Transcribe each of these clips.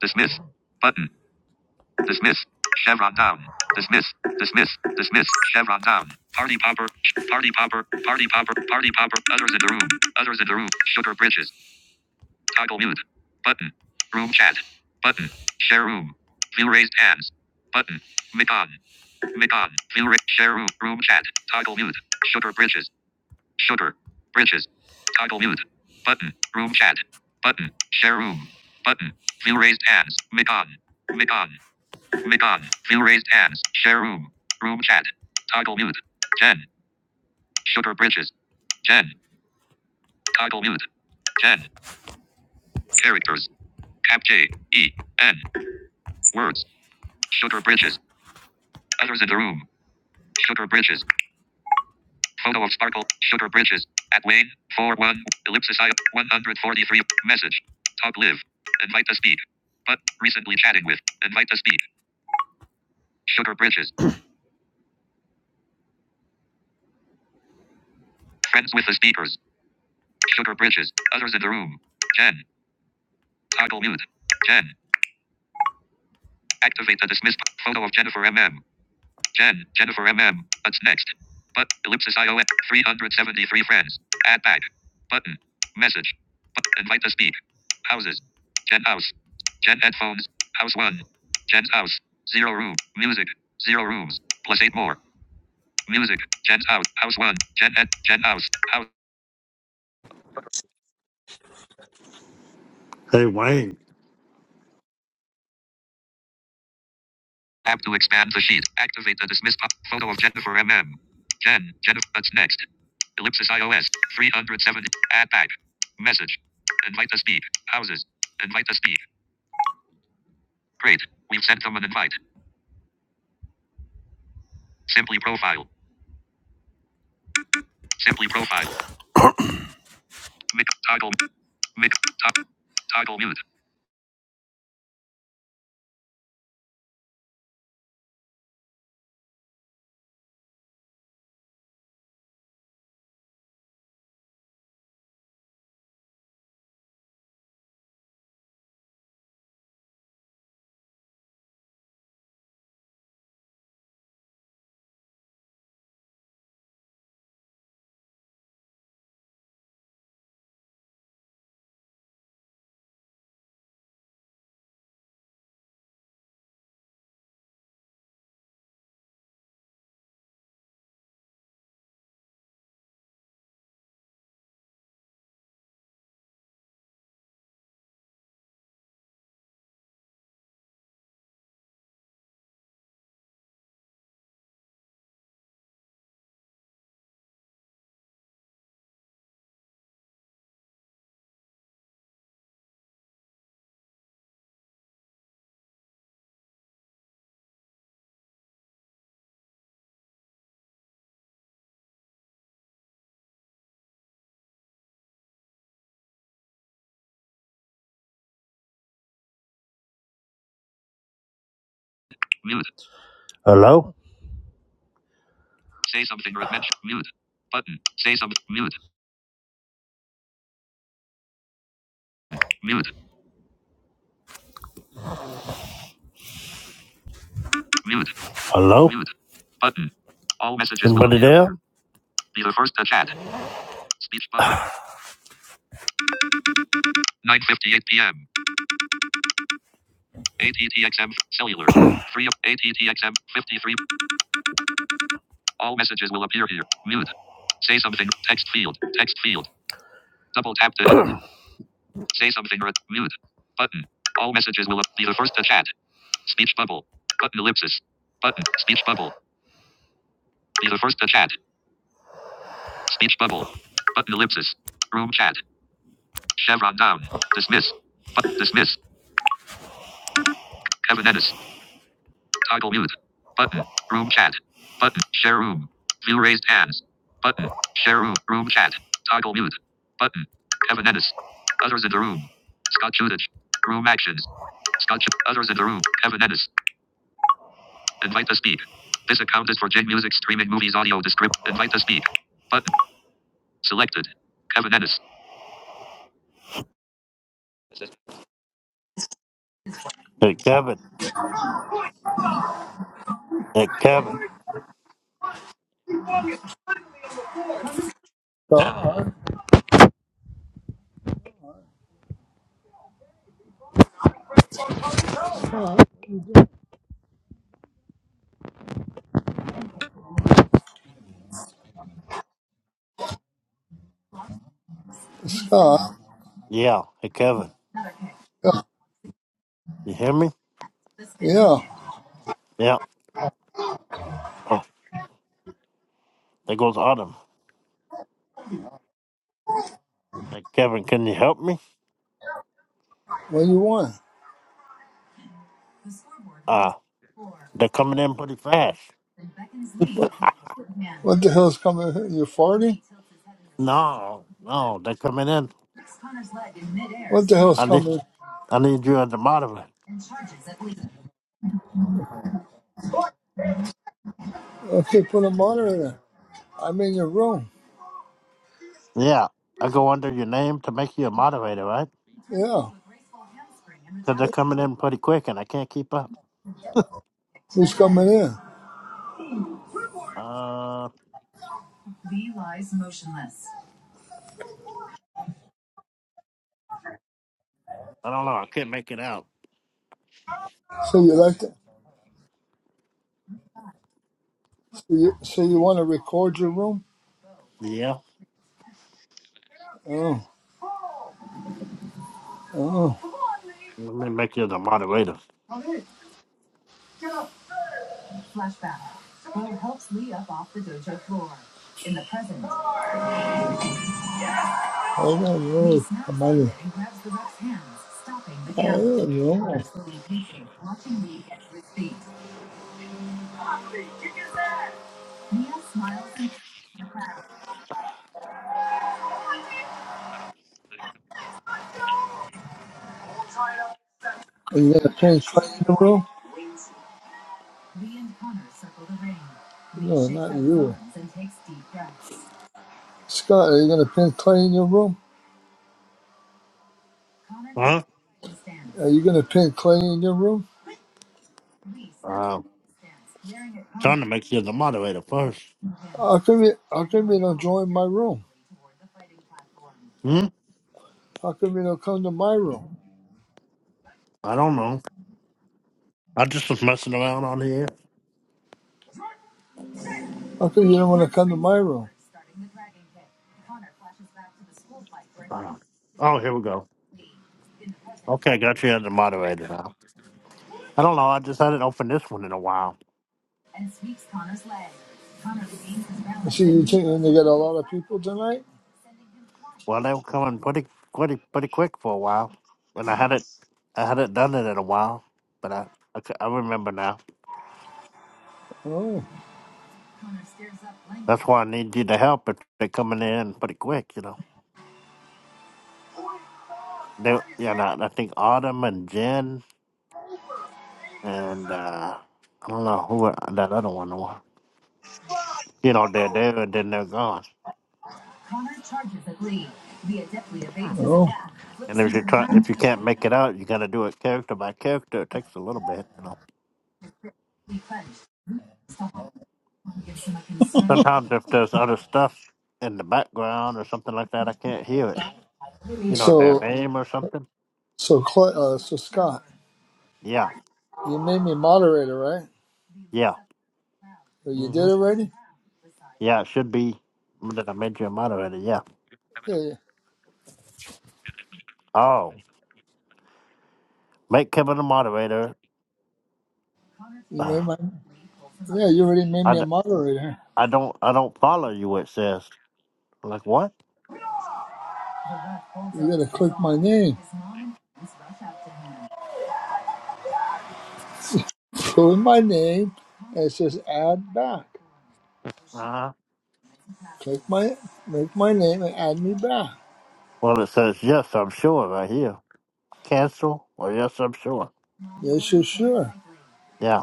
Dismiss. Button. Dismiss. Chevron down. Dismiss. Dismiss. Dismiss. Chevron down. Party popper. Party popper. Party popper. Party popper. Others in the room. Others in the room. Sugar bridges. Toggle mute. Button. Room chat. Button. Share room. View raised hands. Button. Micon. Micon. View ra- share room. Room chat. Toggle mute. Sugar bridges. Sugar. Bridges. Toggle mute. Button. Room chat. Button. Share room. Button. View raised hands. Micon. Micon. Mic on. Fill raised hands. Share room. Room chat. Toggle mute. 10. Sugar bridges. 10. Toggle mute. 10. Characters. Cap J. E. N. Words. Sugar bridges. Others in the room. Sugar bridges. Photo of sparkle. Sugar bridges. At Wayne. Four one Ellipsis I. 143. Message. Talk live. Invite to speak. But recently chatting with. Invite to speak. Sugar bridges. Friends with the speakers. Sugar bridges. Others in the room. 10. Toggle mute. Jen. Activate the dismiss photo of Jennifer M M. Jen. Jennifer M M. What's next? But ellipsis IOM. 373 friends. Add back. Button. Message. Bu- invite to speak. Houses. Jen house. Jen headphones. House one. Jen's house. Zero room. Music. Zero rooms. Plus eight more. Music. Jen's house. House one. Jen head. Jen house. House. Hey, Wayne. App to expand the sheet. Activate the dismiss pop. Photo of Jennifer M M. Jen, Jennifer, what's next? Ellipsis iOS 370. Add back. Message. Invite to speak. Houses. Invite to speak. Great. We've sent them an invite. Simply profile. Simply profile. Mic toggle. Mic to- toggle mute. Mute. Hello? Say something or mention mute. Button. Say something. Mute. Mute. Mute. Hello? Mute. Button. All messages. Anybody will appear. there? Be the first to chat. Speech button. 9:58 p.m. ATTXM cellular. 3 of ATTXM 53. All messages will appear here. Mute. Say something. Text field. Text field. Double tap to Say something or mute. Button. All messages will ap- be the first to chat. Speech bubble. Button ellipsis. Button. Speech bubble. Be the first to chat. Speech bubble. Button ellipsis. Room chat. Chevron down. Dismiss. Button. Dismiss. Kevin Ennis. Toggle mute. Button. Room chat. Button. Share room. View raised hands. Button. Share room. Room chat. Toggle mute. Button. Kevin Ennis. Others in the room. Scott Judich. Room actions. Scott Ju- Others in the room. Kevin Ennis. Invite to speak. This account is for J Music streaming movies audio descript. Invite to speak. Button. Selected. Kevin Ennis. Hey, Kevin. Hey, Kevin. Uh, Yeah. Hey, Kevin. You hear me? yeah. Yeah. Oh, there goes Autumn. Hey, Kevin, can you help me? What do you want? Ah. Uh, They're coming in pretty fast. What What the hell's coming? here? You farting? No, no, they're coming in. What the hell's I need, coming? I need you as a moderator. Okay, put a monitor. in. I'm in your room. Yeah, I go under your name to make you a moderator, right? Yeah. Because they're coming in pretty quick, and I can't keep up. Who's coming in? Uh, I don't know. I can't make it out. So you like to? So you, so you want to record your room? Yeah, Oh, oh. let me make you the moderator. I don't know. Come on. in. I don't know. Are you gonna change something in the room? No, not you. Scott, are you going to pin clay in your room? Huh? Are you going to pin clay in your room? Uh, trying to make you the moderator first. How come you, how come you don't join my room? Hmm. How come you don't come to my room? I don't know. I just was messing around on here. How come you don't want to come to my room? Uh, oh, here we go. Okay, got you as the moderator now. I don't know. I just hadn't opened this one in a while. I see you think you're going to get a lot of people tonight? Well, they were coming pretty, pretty, pretty quick for a while, and I hadn't, I hadn't done it in a while, but I, I, c- I remember now. Oh. That's why I need you to help. If they're coming in pretty quick, you know. They, yeah, and I, I think Autumn and Jen and uh, I don't know who that other one was. You know, they're there and then they're gone. Oh. And if you try, if you can't make it out, you got to do it character by character. It takes a little bit, you know. Sometimes if there's other stuff in the background or something like that, I can't hear it you know, their So, name or something. so, Cla- uh, so Scott, Yeah, you made me moderator, right? yeah, Or you did hmm already? yeah. It should be. Did I made you a moderator? Yeah. Yeah, yeah. Oh, make Kevin a moderator. you Uh, made my. Yeah, you already made I, me a d- moderator. I don't I don't follow you. It says I'm like what? You gotta click my name. Go in my name, and it says add back. Uh-huh. Click my, make my name and add me back. Well, it says yes. I'm sure right here. Cancel or yes. I'm sure. Yes, you're sure. Yeah,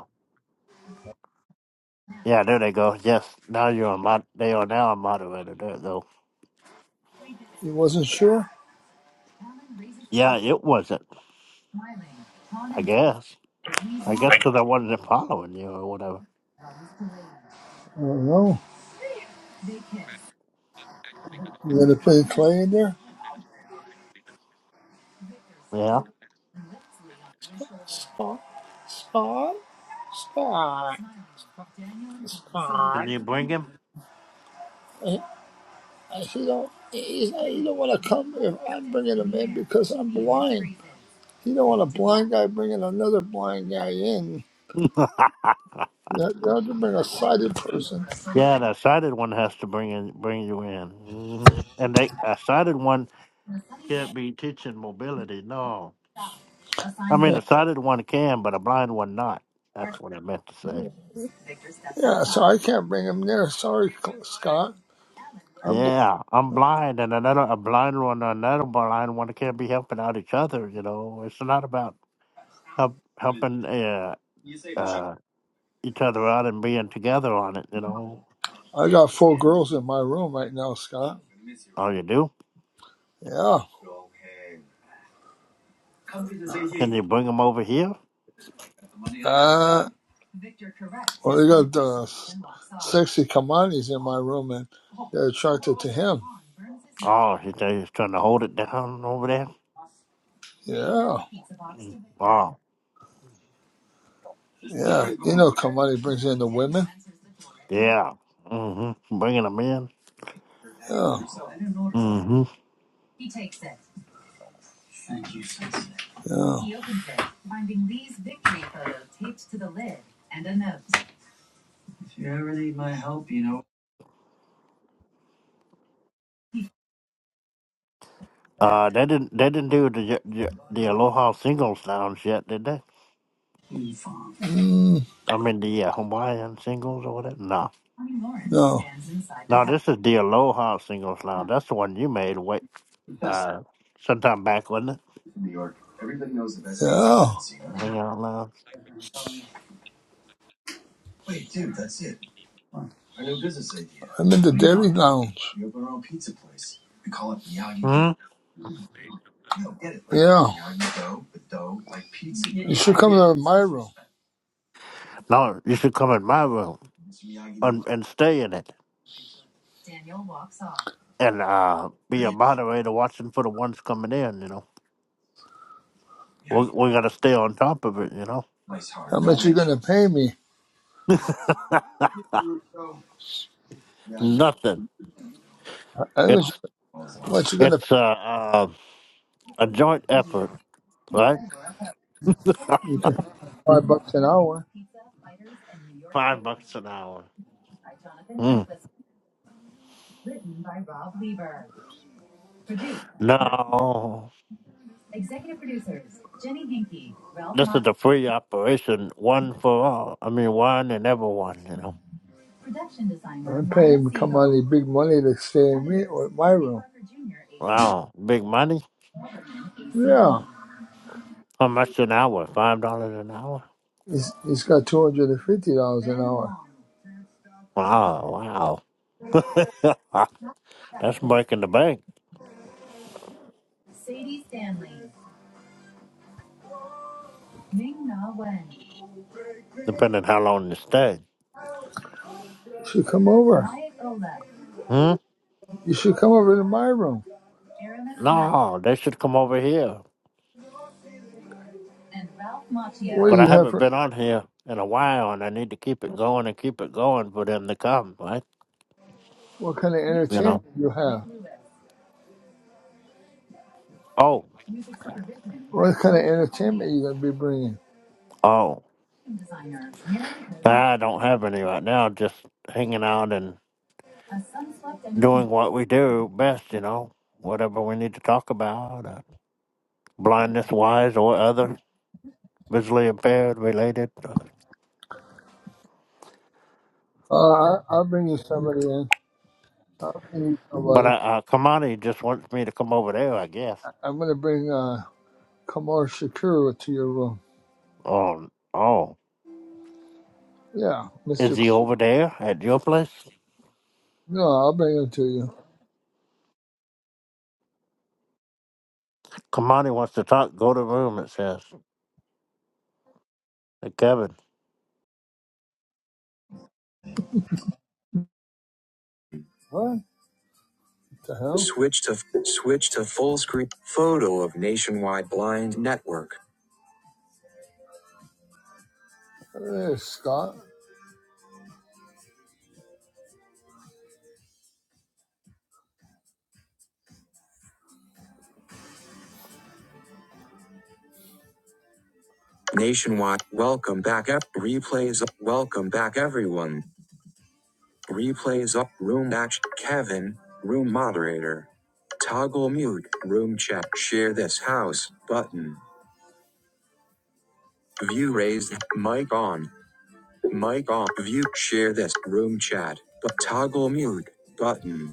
yeah. There they go. Yes. Now you're a mod. They are now a moderator. There though. You wasn't sure? Yeah, it wasn't. I guess. I guess because I wasn't following you or whatever. I don't know. You gotta put Clay in there. Yeah. Spot, spot, spot, Can spot. you bring him? I said, "Don't." He's like, "You don't want to come if I'm bringing him in because I'm blind. You don't want a blind guy bringing another blind guy in. You have you have to bring a sighted person." Yeah, that sighted one has to bring in, bring you in, hmm and they a sighted one can't be teaching mobility. No, I mean a sighted one can, but a blind one not. That's what I meant to say. Yeah, so I can't bring him there. Sorry, Cl- Scott. I'm bl- Yeah, I'm blind, and another a blind one, and another blind one can't be helping out each other. You know, it's not about help helping uh, uh, each other out and being together on it. You know, I got four girls in my room right now, Scott. all you do Yeah. can you bring them over here? Uh, well, they got the s- sexy Kamanis in my room, and they're attracted to him. Oh, he's he's trying to hold it down over there. Yeah. Oh. Yeah, you know, Kamani brings in the women. Yeah, Yeah. Mm-hmm. Bringing them in. yeah. Mm, Mm-hmm. no. Yeah, Uh, they didn't. They didn't do the the, the Aloha singles lounge yet, did they? I mean the uh, Hawaiian singles or whatever. No. No, this is the Aloha singles lounge. That's the one you made. Wait. Uh, sometime back, wasn't it? Hang out lounge. I'm in the Dairy Lounge. Hmm. Yeah, you should come to my room. No, you should come in my room and, and stay in it and uh, be a moderator watching for the ones coming in, you know. We're, we're going to stay on top of it, you know. How much you gonna pay me? Nothing. How much? It's, What you gonna? it's, uh, uh, A joint effort, right? You can five bucks an hour. Five bucks an hour. Mm. No, this is a free operation, one for all. I mean, one and everyone, you know. I pay Maya him money, big money to stay in me, my room. Wow, big money? Yeah, How much an hour? Five dollars an hour? he's, he's got two hundred and fifty dollars an hour. Wow, wow. Ah, That's breaking the bank, depending how long you stay. You should come over. Hmm? You should come over to my room. No, they should come over here. What do But I you have haven't for? been on here in a while, and I need to keep it going and keep it going for them to come, right? What kind of Music. You know? entertainment do you have? Oh, What kind of entertainment Elliott. you gonna be bringing? oh. I don't have any right now. Just hanging out and doing what we do best, you know, whatever we need to talk about, uh, blindness wise or other visually impaired related. uh, Uh, I, I'll bring you somebody in. I'll bring you But uh, somebody. uh, Kamani just wants me to come over there, I guess. I'm gonna bring uh Kamar Shakur to your room. Oh, oh, Yeah, is Mister. K- he over there at your place? No, I'll bring him to you. Kamani wants to talk. Go to the room. It says, hey, Kevin. What? The hell? Switch to switch to full screen photo of Nationwide Blind Network. Hey, Scott. Nationwide. Welcome back up. Replays. up. Welcome back everyone. Replays up. Room action. Kevin. Room moderator. Toggle mute. Room chat. Share this house button. View raised. Mic on. Mic on. View. Share this room chat. But toggle mute button.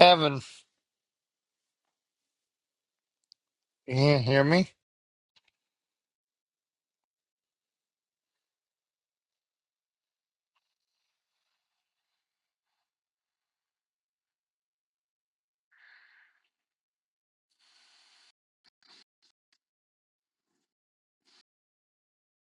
Evan, you hear me?